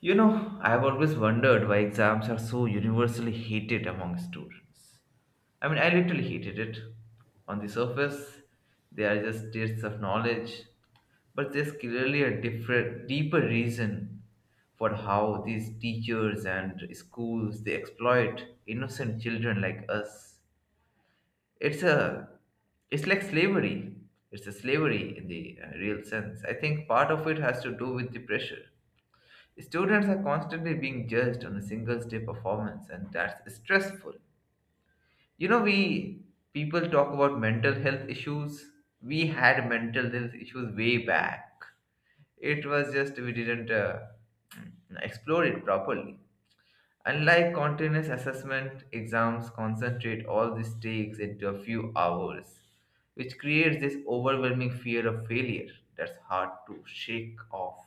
You know, I've always wondered why exams are so universally hated among students. I mean, I literally hated it. On the surface, they are just tests of knowledge, but there's clearly a different, deeper reason for how these teachers and schools they exploit innocent children like us. It's a, it's like slavery. It's a slavery in the real sense. I think part of it has to do with the pressure. Students are constantly being judged on a single day performance, and that's stressful. You know, we People talk about mental health issues. We had mental health issues way back. It was just we didn't explore it properly. Unlike continuous assessment, exams concentrate all these takes into a few hours, which creates this overwhelming fear of failure that's hard to shake off.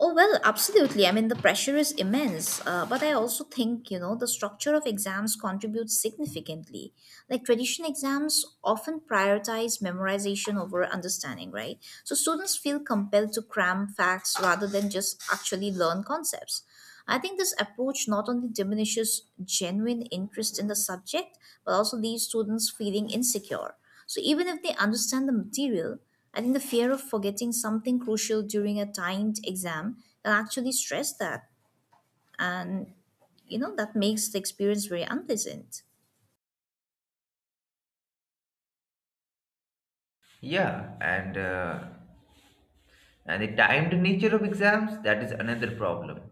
Oh, well, absolutely. I mean, the pressure is immense. But I also think, the structure of exams contributes significantly. Like traditional exams often prioritize memorization over understanding, right? So students feel compelled to cram facts rather than just actually learn concepts. I think this approach not only diminishes genuine interest in the subject, but also leaves students feeling insecure. So, even if they understand the material, I think the fear of forgetting something crucial during a timed exam can actually stress that. And, that makes the experience very unpleasant. Yeah. And the timed nature of exams, that is another problem.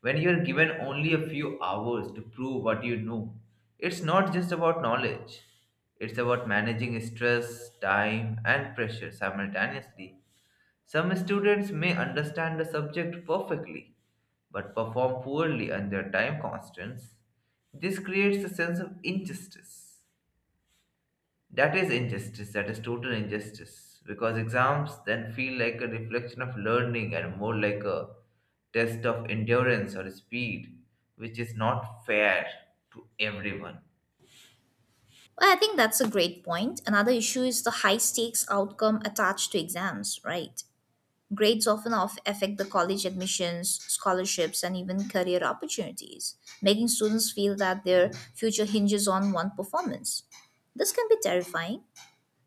When you are given only a few hours to prove what you know, it's not just about knowledge, it's about managing stress, time, and pressure simultaneously. Some students may understand the subject perfectly but perform poorly under time constraints. This creates a sense of injustice, that is injustice. That is total injustice. Because exams then feel like a reflection of learning and more like a test of endurance or speed, which is not fair to everyone. Well, I think that's a great point. Another issue is the high stakes outcome attached to exams, right? Grades often of affect the college admissions, scholarships, and even career opportunities, making students feel that their future hinges on one performance. This can be terrifying.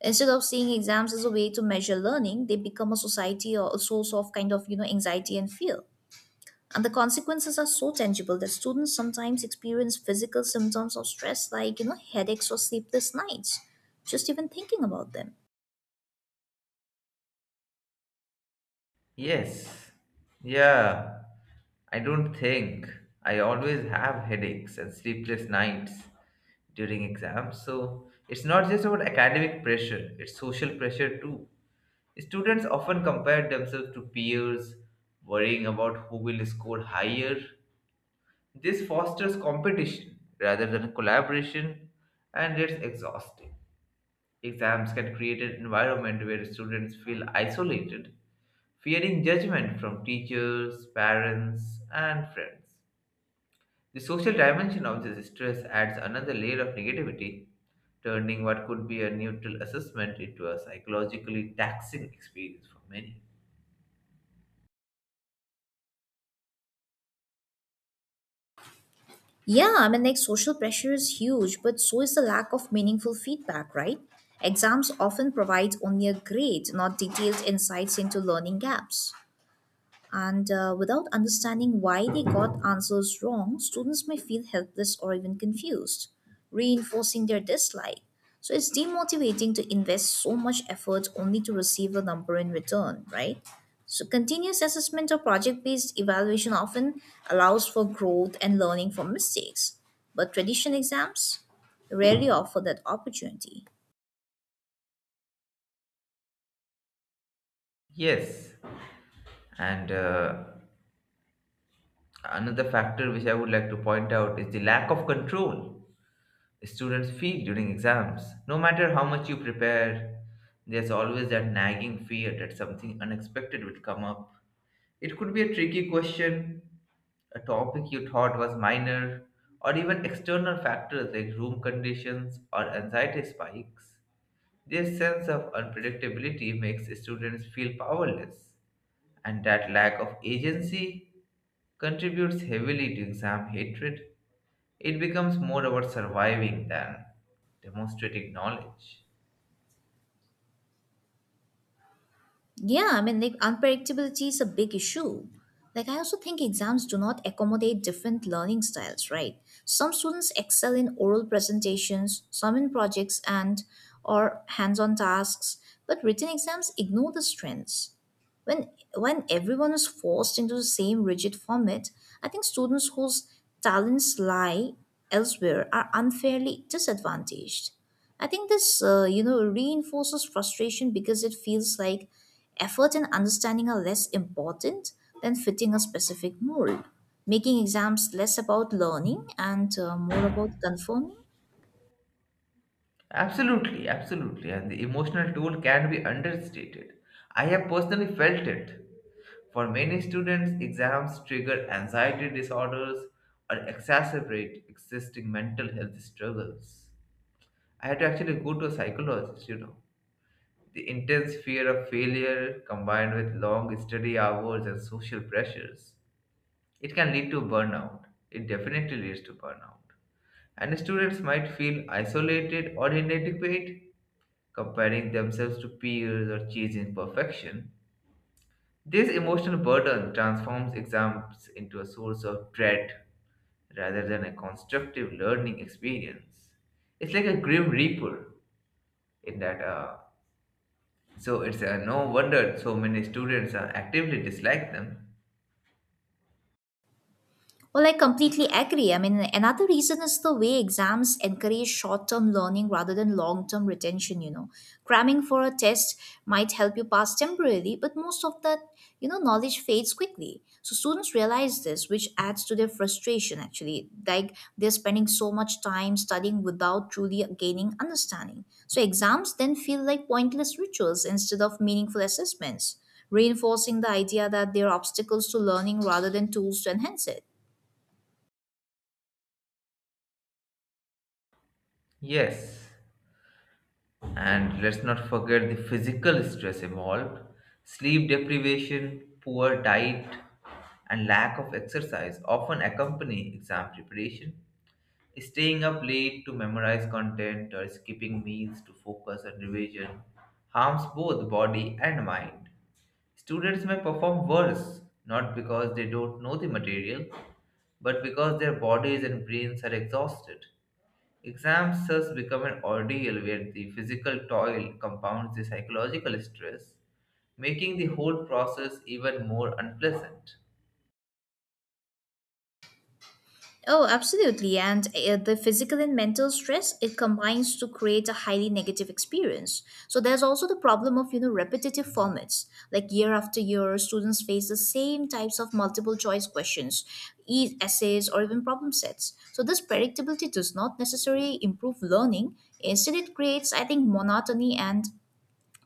Instead of seeing exams as a way to measure learning, they become a society or a source of kind of anxiety and fear. And the consequences are so tangible that students sometimes experience physical symptoms of stress like headaches or sleepless nights, just even thinking about them. Yes. Yeah. I don't think. I always have headaches and sleepless nights during exams. So it's not just about academic pressure, it's social pressure too. Students often compare themselves to peers, worrying about who will score higher. This fosters competition rather than collaboration, and it's exhausting. Exams can create an environment where students feel isolated, fearing judgment from teachers, parents, and friends. The social dimension of this stress adds another layer of negativity, turning what could be a neutral assessment into a psychologically taxing experience for many. Yeah, I mean, like social pressure is huge, but so is the lack of meaningful feedback, right? Exams often provide only a grade, not detailed insights into learning gaps. And without understanding why they got answers wrong, students may feel helpless or even confused, reinforcing their dislike. So it's demotivating to invest so much effort only to receive a number in return, right? So continuous assessment or project-based evaluation often allows for growth and learning from mistakes, but traditional exams rarely offer that opportunity. Yes, and Another factor which I would like to point out is the lack of control students feel during exams. No matter how much you prepare, there's always that nagging fear that something unexpected will come up. It could be a tricky question, a topic you thought was minor, or even external factors like room conditions or anxiety spikes. Their sense of unpredictability makes students feel powerless, and that lack of agency contributes heavily to exam hatred. It becomes more about surviving than demonstrating knowledge. Yeah, I mean, like unpredictability is a big issue. Like, I also think exams do not accommodate different learning styles, right? Some students excel in oral presentations, some in projects and or hands-on tasks, but written exams ignore the strengths. When everyone is forced into the same rigid format, I think students whose talents lie elsewhere are unfairly disadvantaged. I think this, reinforces frustration because it feels like effort and understanding are less important than fitting a specific mold, making exams less about learning and more about conforming. Absolutely, absolutely, and the emotional toll can be understated. I have personally felt it. For many students, exams trigger anxiety disorders or exacerbate existing mental health struggles. I had to actually go to a psychologist, you know. The intense fear of failure combined with long study hours and social pressures, it can lead to burnout. It definitely leads to burnout. And students might feel isolated or inadequate, comparing themselves to peers or chasing perfection. This emotional burden transforms exams into a source of dread rather than a constructive learning experience. It's like a grim reaper in that So it's No wonder so many students actively dislike them. Well, I completely agree. I mean, another reason is the way exams encourage short term learning rather than long term retention. Cramming for a test might help you pass temporarily, but most of that, knowledge fades quickly. So students realize this, which adds to their frustration actually. Like they're spending so much time studying without truly gaining understanding. So exams then feel like pointless rituals instead of meaningful assessments, reinforcing the idea that they're obstacles to learning rather than tools to enhance it. Yes, and let's not forget the physical stress involved: sleep deprivation, poor diet, and lack of exercise often accompany exam preparation. Staying up late to memorize content or skipping meals to focus on revision harms both body and mind. Students may perform worse, not because they don't know the material, but because their bodies and brains are exhausted. Exams thus become an ordeal where the physical toil compounds the psychological stress, making the whole process even more unpleasant. Oh, absolutely. And the physical and mental stress, it combines to create a highly negative experience. So there's also the problem of, repetitive formats. Like year after year, students face the same types of multiple choice questions, essays, or even problem sets. So this predictability does not necessarily improve learning. Instead, it creates, I think, monotony and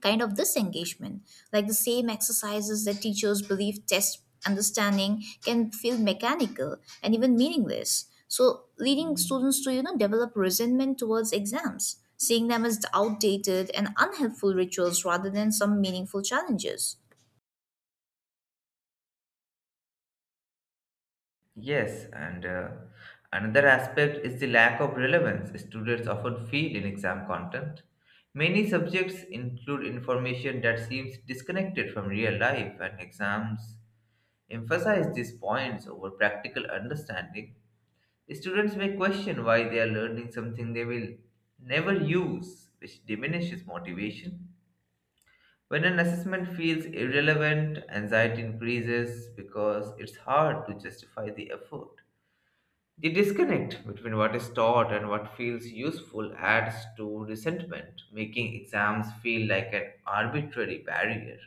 kind of this engagement. Like the same exercises that teachers believe test understanding can feel mechanical and even meaningless. So leading students to develop resentment towards exams, seeing them as outdated and unhelpful rituals rather than some meaningful challenges. Yes, and Another aspect is the lack of relevance students often feel in exam content. Many subjects include information that seems disconnected from real life, and exams emphasize these points over practical understanding. Students may question why they are learning something they will never use, which diminishes motivation. When an assessment feels irrelevant, anxiety increases because it's hard to justify the effort. The disconnect between what is taught and what feels useful adds to resentment, making exams feel like an arbitrary barrier.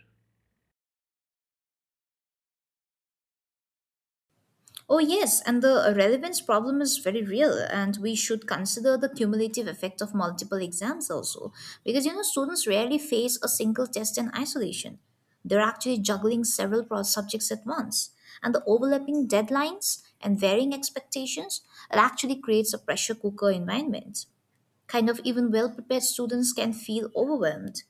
Oh, yes, and the relevance problem is very real, and we should consider the cumulative effect of multiple exams also, because students rarely face a single test in isolation. They're actually juggling several subjects at once, and the overlapping deadlines and varying expectations, it actually creates a pressure cooker environment, kind of even well prepared students can feel overwhelmed,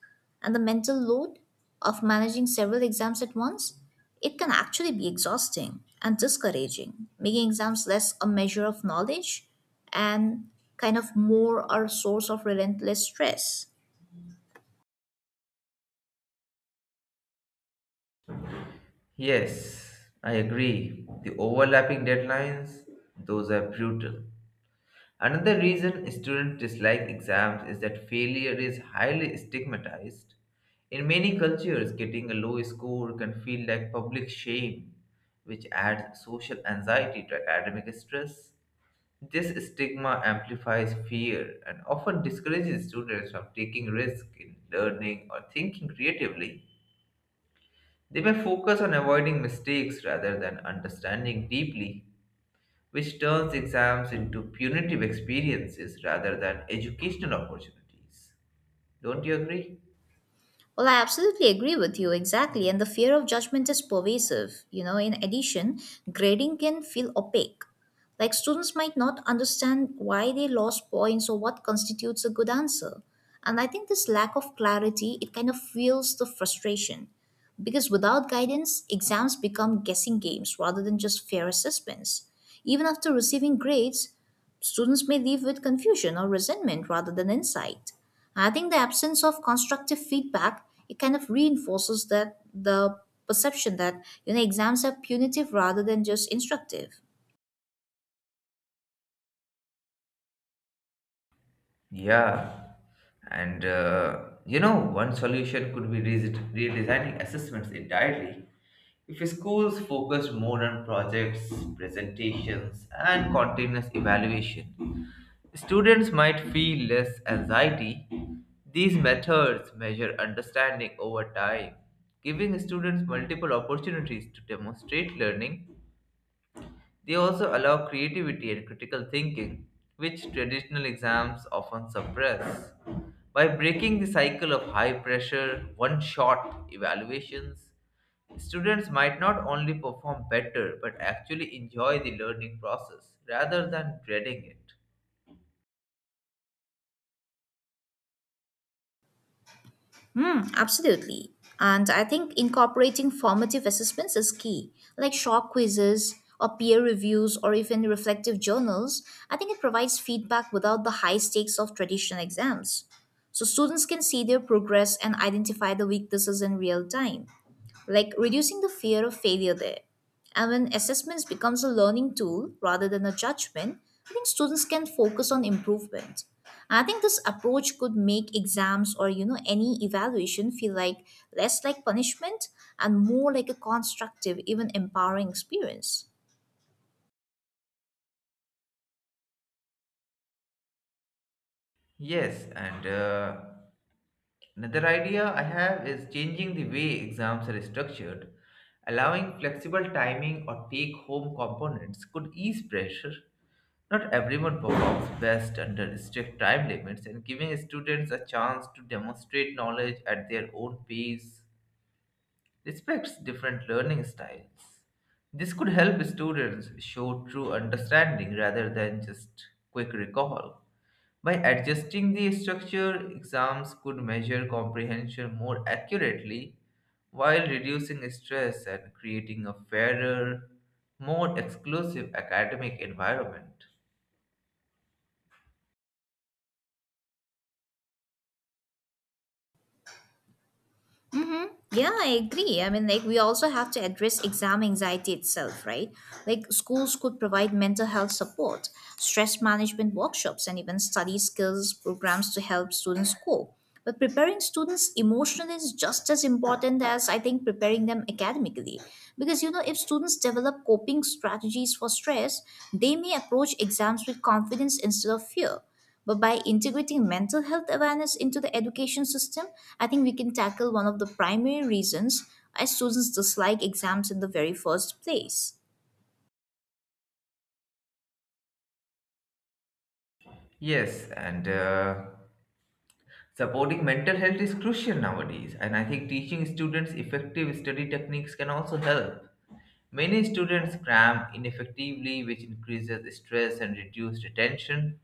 and the mental load of managing several exams at once, it can actually be exhausting and discouraging, making exams less a measure of knowledge and kind of more a source of relentless stress. Yes, I agree. The overlapping deadlines, those are brutal. Another reason students dislike exams is that failure is highly stigmatized. In many cultures, getting a low score can feel like public shame, which adds social anxiety to academic stress. This stigma amplifies fear and often discourages students from taking risks in learning or thinking creatively. They may focus on avoiding mistakes rather than understanding deeply, which turns exams into punitive experiences rather than educational opportunities. Don't you agree? Well, I absolutely agree with you exactly. And the fear of judgment is pervasive. In addition, grading can feel opaque. Like students might not understand why they lost points or what constitutes a good answer. And I think this lack of clarity, it kind of fuels the frustration. Because without guidance, exams become guessing games rather than just fair assessments. Even after receiving grades, students may leave with confusion or resentment rather than insight. I think the absence of constructive feedback, it kind of reinforces that the perception that exams are punitive rather than just instructive. Yeah. And You know, one solution could be redesigning assessments entirely. If schools focus more on projects, presentations, and continuous evaluation, students might feel less anxiety. These methods measure understanding over time, giving students multiple opportunities to demonstrate learning. They also allow creativity and critical thinking, which traditional exams often suppress. By breaking the cycle of high pressure, one shot evaluations, students might not only perform better but actually enjoy the learning process rather than dreading it. Hmm, absolutely. And I think incorporating formative assessments is key, like short quizzes or peer reviews or even reflective journals. I think it provides feedback without the high stakes of traditional exams. So students can see their progress and identify the weaknesses in real time, like reducing the fear of failure there. And when assessments becomes a learning tool rather than a judgment, I think students can focus on improvement. I think this approach could make exams or any evaluation feel like less like punishment and more like a constructive, even empowering experience. Yes, and Another idea I have is changing the way exams are structured. Allowing flexible timing or take home components could ease pressure. Not everyone performs best under strict time limits, and giving students a chance to demonstrate knowledge at their own pace respects different learning styles. This could help students show true understanding rather than just quick recall. By adjusting the structure, exams could measure comprehension more accurately while reducing stress and creating a fairer, more exclusive academic environment. Yeah, I agree. I mean, like, we also have to address exam anxiety itself, right? Like, schools could provide mental health support, stress management workshops, and even study skills programs to help students cope. But preparing students emotionally is just as important as I think preparing them academically. Because, if students develop coping strategies for stress, they may approach exams with confidence instead of fear. But by integrating mental health awareness into the education system, I think we can tackle one of the primary reasons why students dislike exams in the very first place. Yes, and Supporting mental health is crucial nowadays, and I think teaching students effective study techniques can also help. Many students cram ineffectively, which increases stress and reduces attention.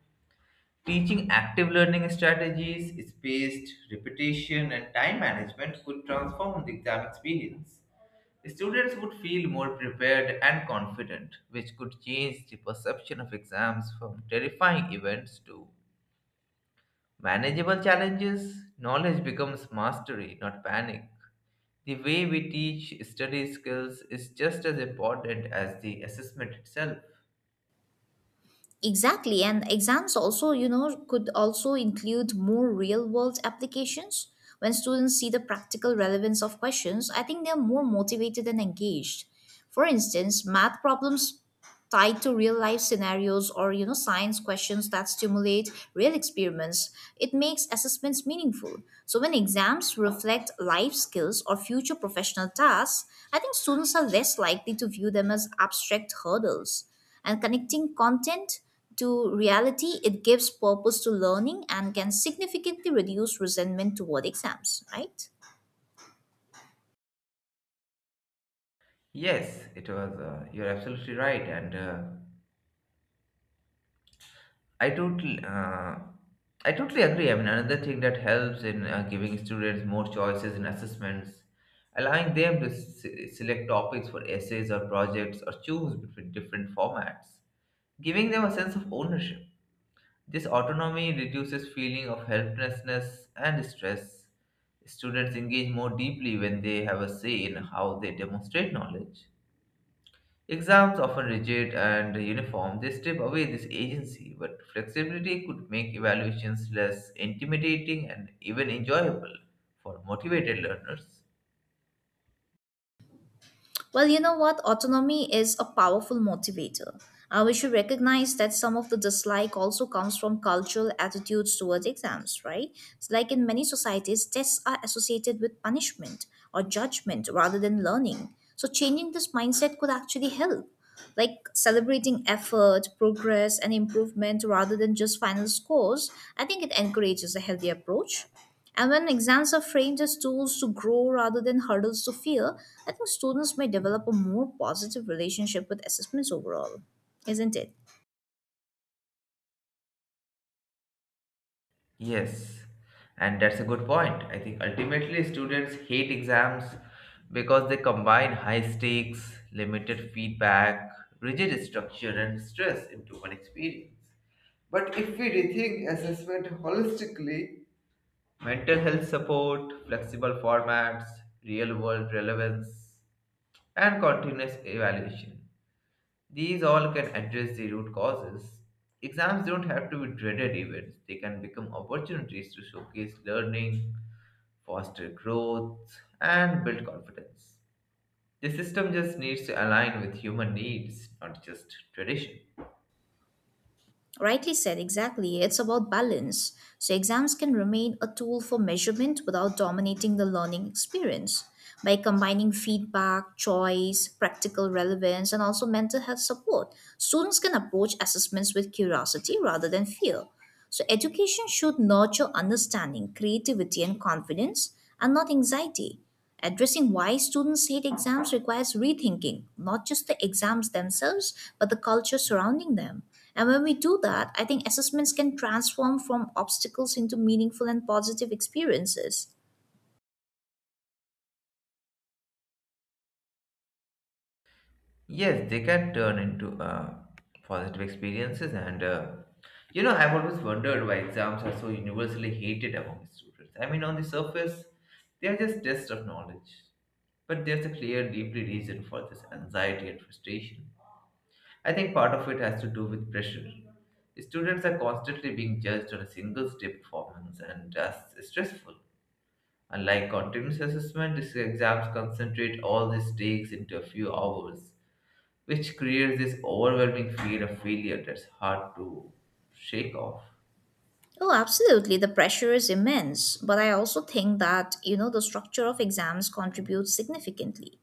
Teaching active learning strategies, spaced repetition, and time management could transform the exam experience. Students would feel more prepared and confident, which could change the perception of exams from terrifying events to manageable challenges. Knowledge becomes mastery, not panic. The way we teach study skills is just as important as the assessment itself. Exactly, and exams also, could also include more real world applications. When students see the practical relevance of questions, I think they're more motivated and engaged. For instance, math problems tied to real life scenarios or science questions that stimulate real experiments, it makes assessments meaningful. So when exams reflect life skills or future professional tasks, I think students are less likely to view them as abstract hurdles. And connecting content to reality, it gives purpose to learning and can significantly reduce resentment toward exams, right? Yes, it was. You're absolutely right, and I totally, uh, I totally agree. I mean, another thing that helps in giving students more choices in assessments, allowing them to select topics for essays or projects, or choose between different formats, giving them a sense of ownership. This autonomy reduces feeling of helplessness and stress. Students engage more deeply when they have a say in how they demonstrate knowledge. Exams often rigid and uniform, they strip away this agency, but flexibility could make evaluations less intimidating and even enjoyable for motivated learners. Well, you know what? Autonomy is a powerful motivator. We should recognize that some of the dislike also comes from cultural attitudes towards exams, right? It's like in many societies, tests are associated with punishment or judgment rather than learning. So, changing this mindset could actually help, like celebrating effort, progress, and improvement rather than just final scores. I think it encourages a healthy approach. And when exams are framed as tools to grow rather than hurdles to fear, I think students may develop a more positive relationship with assessments overall, isn't it? Yes, and that's a good point. I think ultimately students hate exams because they combine high stakes, limited feedback, rigid structure, and stress into one experience. But if we rethink assessment holistically, mental health support, flexible formats, real world relevance, and continuous evaluation. These all can address the root causes. Exams don't have to be dreaded events, they can become opportunities to showcase learning, foster growth, and build confidence. The system just needs to align with human needs, not just tradition. Rightly said, exactly. It's about balance. So, exams can remain a tool for measurement without dominating the learning experience. By combining feedback, choice, practical relevance, and also mental health support, students can approach assessments with curiosity rather than fear. So, education should nurture understanding, creativity, and confidence, and not anxiety. Addressing why students hate exams requires rethinking, not just the exams themselves, but the culture surrounding them. And when we do that, I think assessments can transform from obstacles into meaningful and positive experiences. Yes, they can turn into positive experiences, and you know, I've always wondered why exams are so universally hated among students. I mean, on the surface, they are just tests of knowledge, but there's a clear, deeply reason for this anxiety and frustration. I think part of it has to do with pressure. Students are constantly being judged on a single step performance, and that's stressful. Unlike continuous assessment, these exams concentrate all these takes into a few hours, which creates this overwhelming fear of failure that's hard to shake off. Oh, absolutely. The pressure is immense. But I also think that, the structure of exams contributes significantly.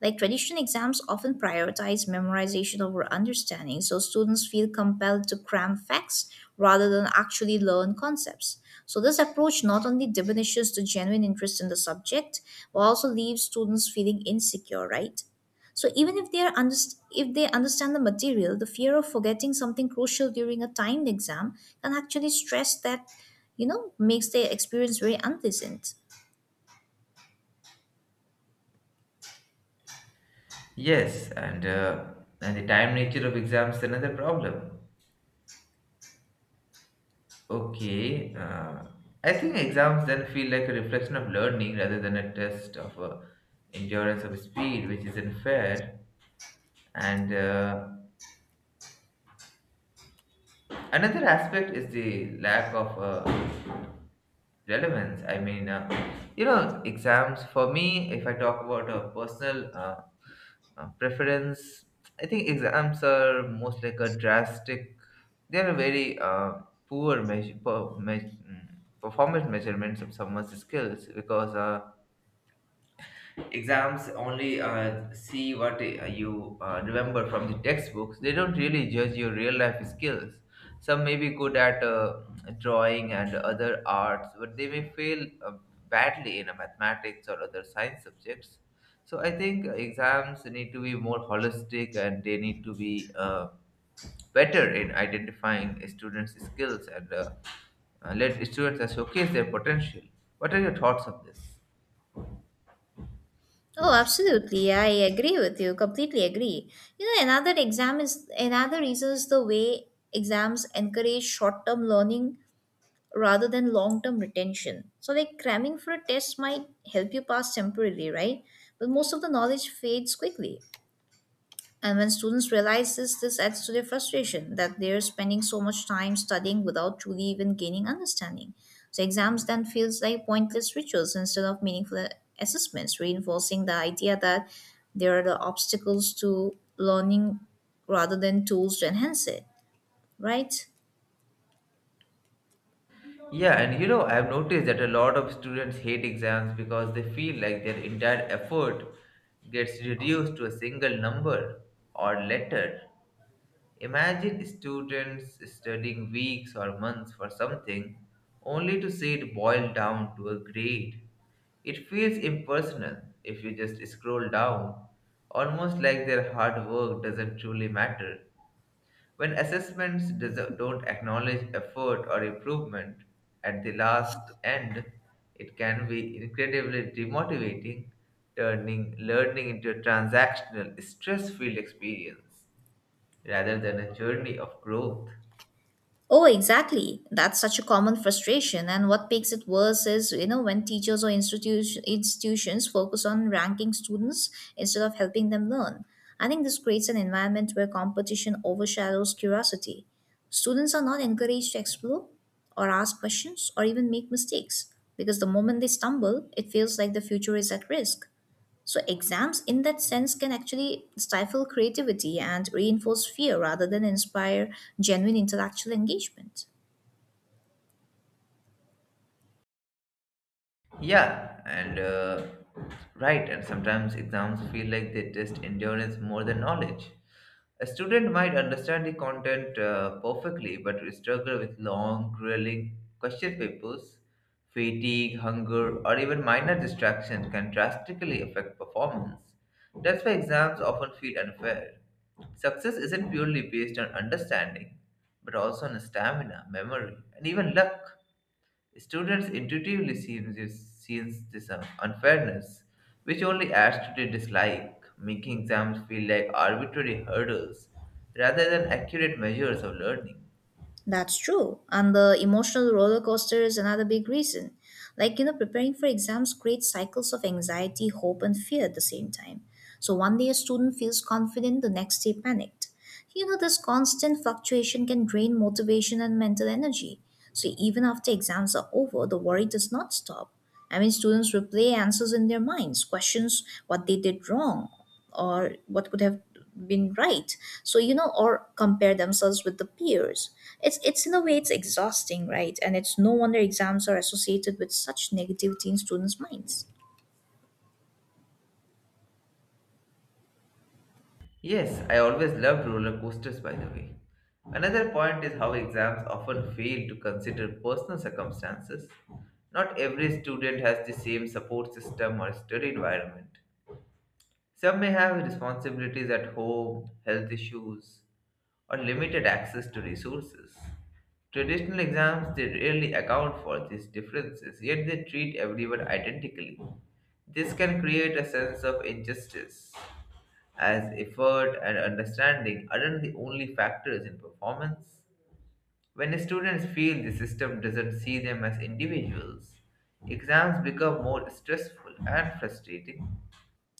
Like traditional exams often prioritize memorization over understanding, so students feel compelled to cram facts rather than actually learn concepts. So, this approach not only diminishes the genuine interest in the subject, but also leaves students feeling insecure, right? So, even if they understand the material, the fear of forgetting something crucial during a timed exam can actually stress that, makes their experience very unpleasant. Yes. And the time nature of exams is another problem. Okay, I think exams then feel like a reflection of learning rather than a test of endurance of speed, which is unfair. And Another aspect is the lack of relevance. I mean, you know, exams for me, if I talk about a personal preference, I think exams are most like a drastic, they're very poor measure, mm, performance measurements of someone's skills, because exams only see what you remember from the textbooks. They don't really judge your real life skills. Some may be good at drawing and other arts, but they may fail badly in a mathematics or other science subjects. So I think exams need to be more holistic, and they need to be better in identifying students skills and let students showcase their potential. What are your thoughts on this? Oh, absolutely. I agree with you. Completely agree. Another reason is the way exams encourage short term learning rather than long term retention. So, like cramming for a test might help you pass temporarily, right? But most of the knowledge fades quickly. And when students realize this, this adds to their frustration that they're spending so much time studying without truly even gaining understanding. So exams then feels like pointless rituals instead of meaningful assessments, reinforcing the idea that they are the obstacles to learning rather than tools to enhance it, right? Yeah, and you know, I've noticed that a lot of students hate exams because they feel like their entire effort gets reduced to a single number or letter. Imagine students studying weeks or months for something only to see it boil down to a grade. It feels impersonal, if you just scroll down, almost like their hard work doesn't truly matter. When assessments don't acknowledge effort or improvement, at the last end, it can be incredibly demotivating, turning learning into a transactional, stress filled experience rather than a journey of growth. Oh, exactly. That's such a common frustration. And what makes it worse is, when teachers or institutions focus on ranking students instead of helping them learn. I think this creates an environment where competition overshadows curiosity. Students are not encouraged to explore or ask questions or even make mistakes because the moment they stumble, it feels like the future is at risk. So, exams in that sense can actually stifle creativity and reinforce fear rather than inspire genuine intellectual engagement. Yeah. And sometimes exams feel like they test endurance more than knowledge. A student might understand the content perfectly, but will struggle with long, grueling question papers. Fatigue, hunger, or even minor distraction can drastically affect performance. That's why exams often feel unfair. Success isn't purely based on understanding, but also on stamina, memory, and even luck. Students intuitively sees this unfairness, which only adds to their dislike, making exams feel like arbitrary hurdles rather than accurate measures of learning. That's true. And the emotional roller coaster is another big reason. Like, preparing for exams creates cycles of anxiety, hope, and fear at the same time. So, one day a student feels confident, the next day panicked. This constant fluctuation can drain motivation and mental energy. So even after exams are over, the worry does not stop. I mean, students replay answers in their minds, questions what they did wrong or what could have been right. So, or compare themselves with the peers. It's in a way, it's exhausting, right? And it's no wonder exams are associated with such negativity in students' minds. Yes, I always loved roller coasters, by the way. Another point is how exams often fail to consider personal circumstances. Not every student has the same support system or study environment. Some may have responsibilities at home, health issues, or limited access to resources. Traditional exams they rarely account for these differences, yet they treat everyone identically. This can create a sense of injustice, as effort and understanding aren't the only factors in performance. When students feel the system doesn't see them as individuals, exams become more stressful and frustrating.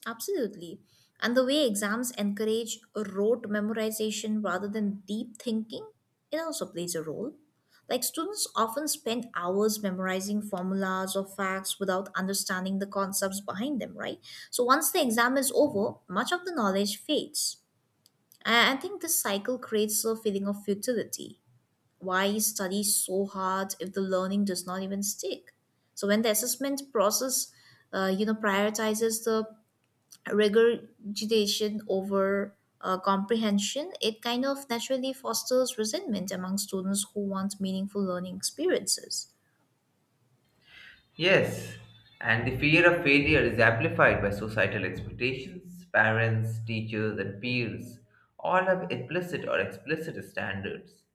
Absolutely. And the way exams encourage rote memorization rather than deep thinking, it also plays a role. Like students often spend hours memorizing formulas or facts without understanding the concepts behind them, right? So once the exam is over, much of the knowledge fades. And I think this cycle creates a feeling of futility. Why study so hard if the learning does not even stick? So when the assessment process, prioritizes the regurgitation over comprehension, it kind of naturally fosters resentment among students who want meaningful learning experiences. Yes, and the fear of failure is amplified by societal expectations. Parents, teachers, and peers all have implicit or explicit standards.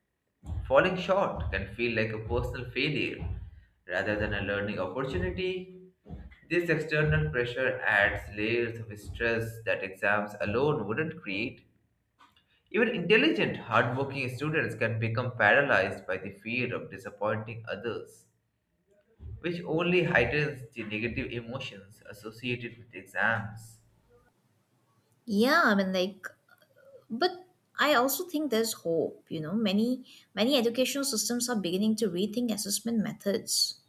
Falling short can feel like a personal failure rather than a learning opportunity. This external pressure adds layers of stress that exams alone wouldn't create. Even intelligent, hardworking students can become paralyzed by the fear of disappointing others, which only heightens the negative emotions associated with exams. Yeah, I mean, but I also think there's hope. Many educational systems are beginning to rethink assessment methods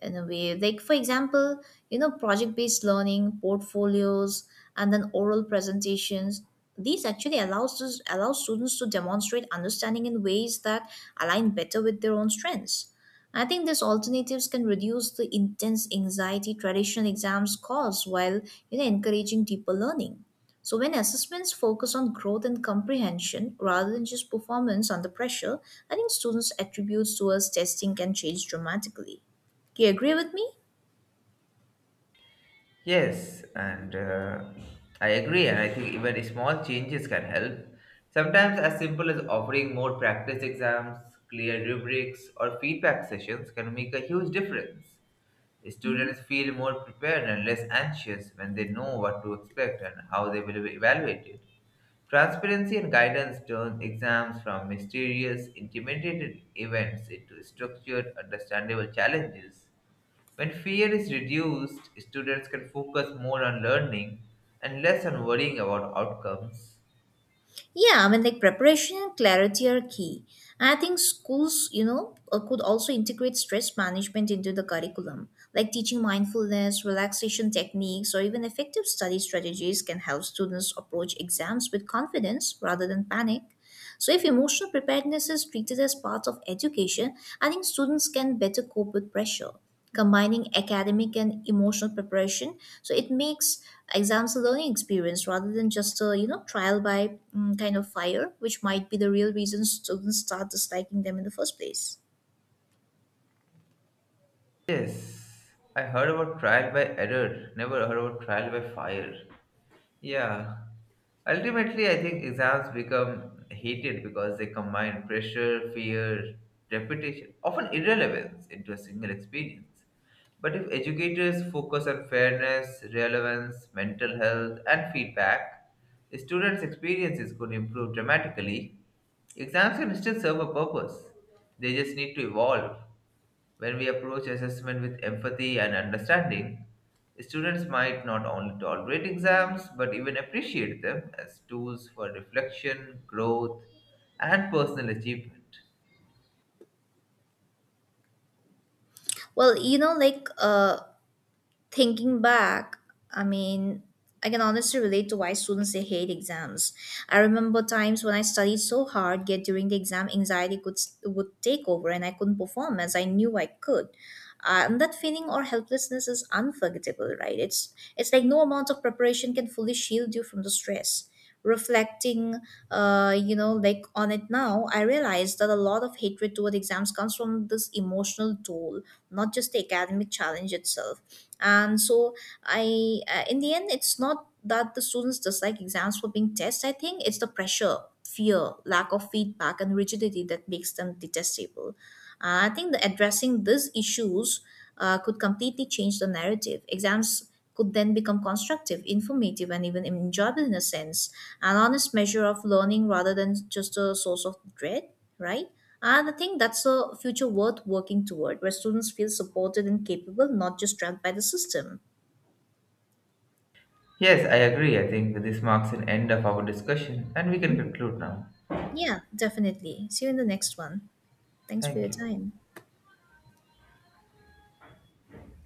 in a way, like for example, project based learning, portfolios, and then oral presentations. These actually allow students to demonstrate understanding in ways that align better with their own strengths. I think these alternatives can reduce the intense anxiety traditional exams cause, while encouraging deeper learning. So, when assessments focus on growth and comprehension rather than just performance under pressure, I think students' attributes towards testing can change dramatically. Do you agree with me? Yes, and I agree, and I think even small changes can help. Sometimes, as simple as offering more practice exams, clear rubrics, or feedback sessions can make a huge difference. Hmm. Students feel more prepared and less anxious when they know what to expect and how they will be evaluated. Transparency and guidance turn exams from mysterious, intimidated events into structured, understandable challenges. When fear is reduced, students can focus more on learning and less on worrying about outcomes. Yeah, I mean, like preparation and clarity are key. And I think schools, could also integrate stress management into the curriculum. Like teaching mindfulness, relaxation techniques, or even effective study strategies can help students approach exams with confidence rather than panic. So, if emotional preparedness is treated as part of education, I think students can better cope with pressure. Combining academic and emotional preparation, so it makes exams a learning experience rather than just a trial by kind of fire, which might be the real reason students start disliking them in the first place. Yes, I heard about trial by error, never heard about trial by fire. Yeah. Ultimately, I think exams become hated because they combine pressure, fear, reputation, often irrelevance, into a single experience. But if educators focus on fairness, relevance, mental health, and feedback, the students' experiences could improve dramatically. Exams can still serve a purpose, they just need to evolve. When we approach assessment with empathy and understanding, students might not only tolerate exams but even appreciate them as tools for reflection, growth, and personal achievement. Well, thinking back, I mean, I can honestly relate to why students they hate exams. I remember times when I studied so hard, yet during the exam, anxiety could would take over and I couldn't perform as I knew I could. And that feeling or helplessness is unforgettable, right? It's like no amount of preparation can fully shield you from the stress. Reflecting, on it now, I realized that a lot of hatred toward exams comes from this emotional toll, not just the academic challenge itself. And so, I in the end, it's not that the students dislike exams for being tests. I think it's the pressure, fear, lack of feedback, and rigidity that makes them detestable. I think that addressing these issues could completely change the narrative. Exams could then become constructive, informative, and even enjoyable, in a sense, an honest measure of learning rather than just a source of dread, right? And I think that's a future worth working toward, where students feel supported and capable, not just trapped by the system. Yes, I agree. I think this marks an end of our discussion and we can conclude now. Yeah, definitely. See you in the next one. Thanks for Thank your you. time.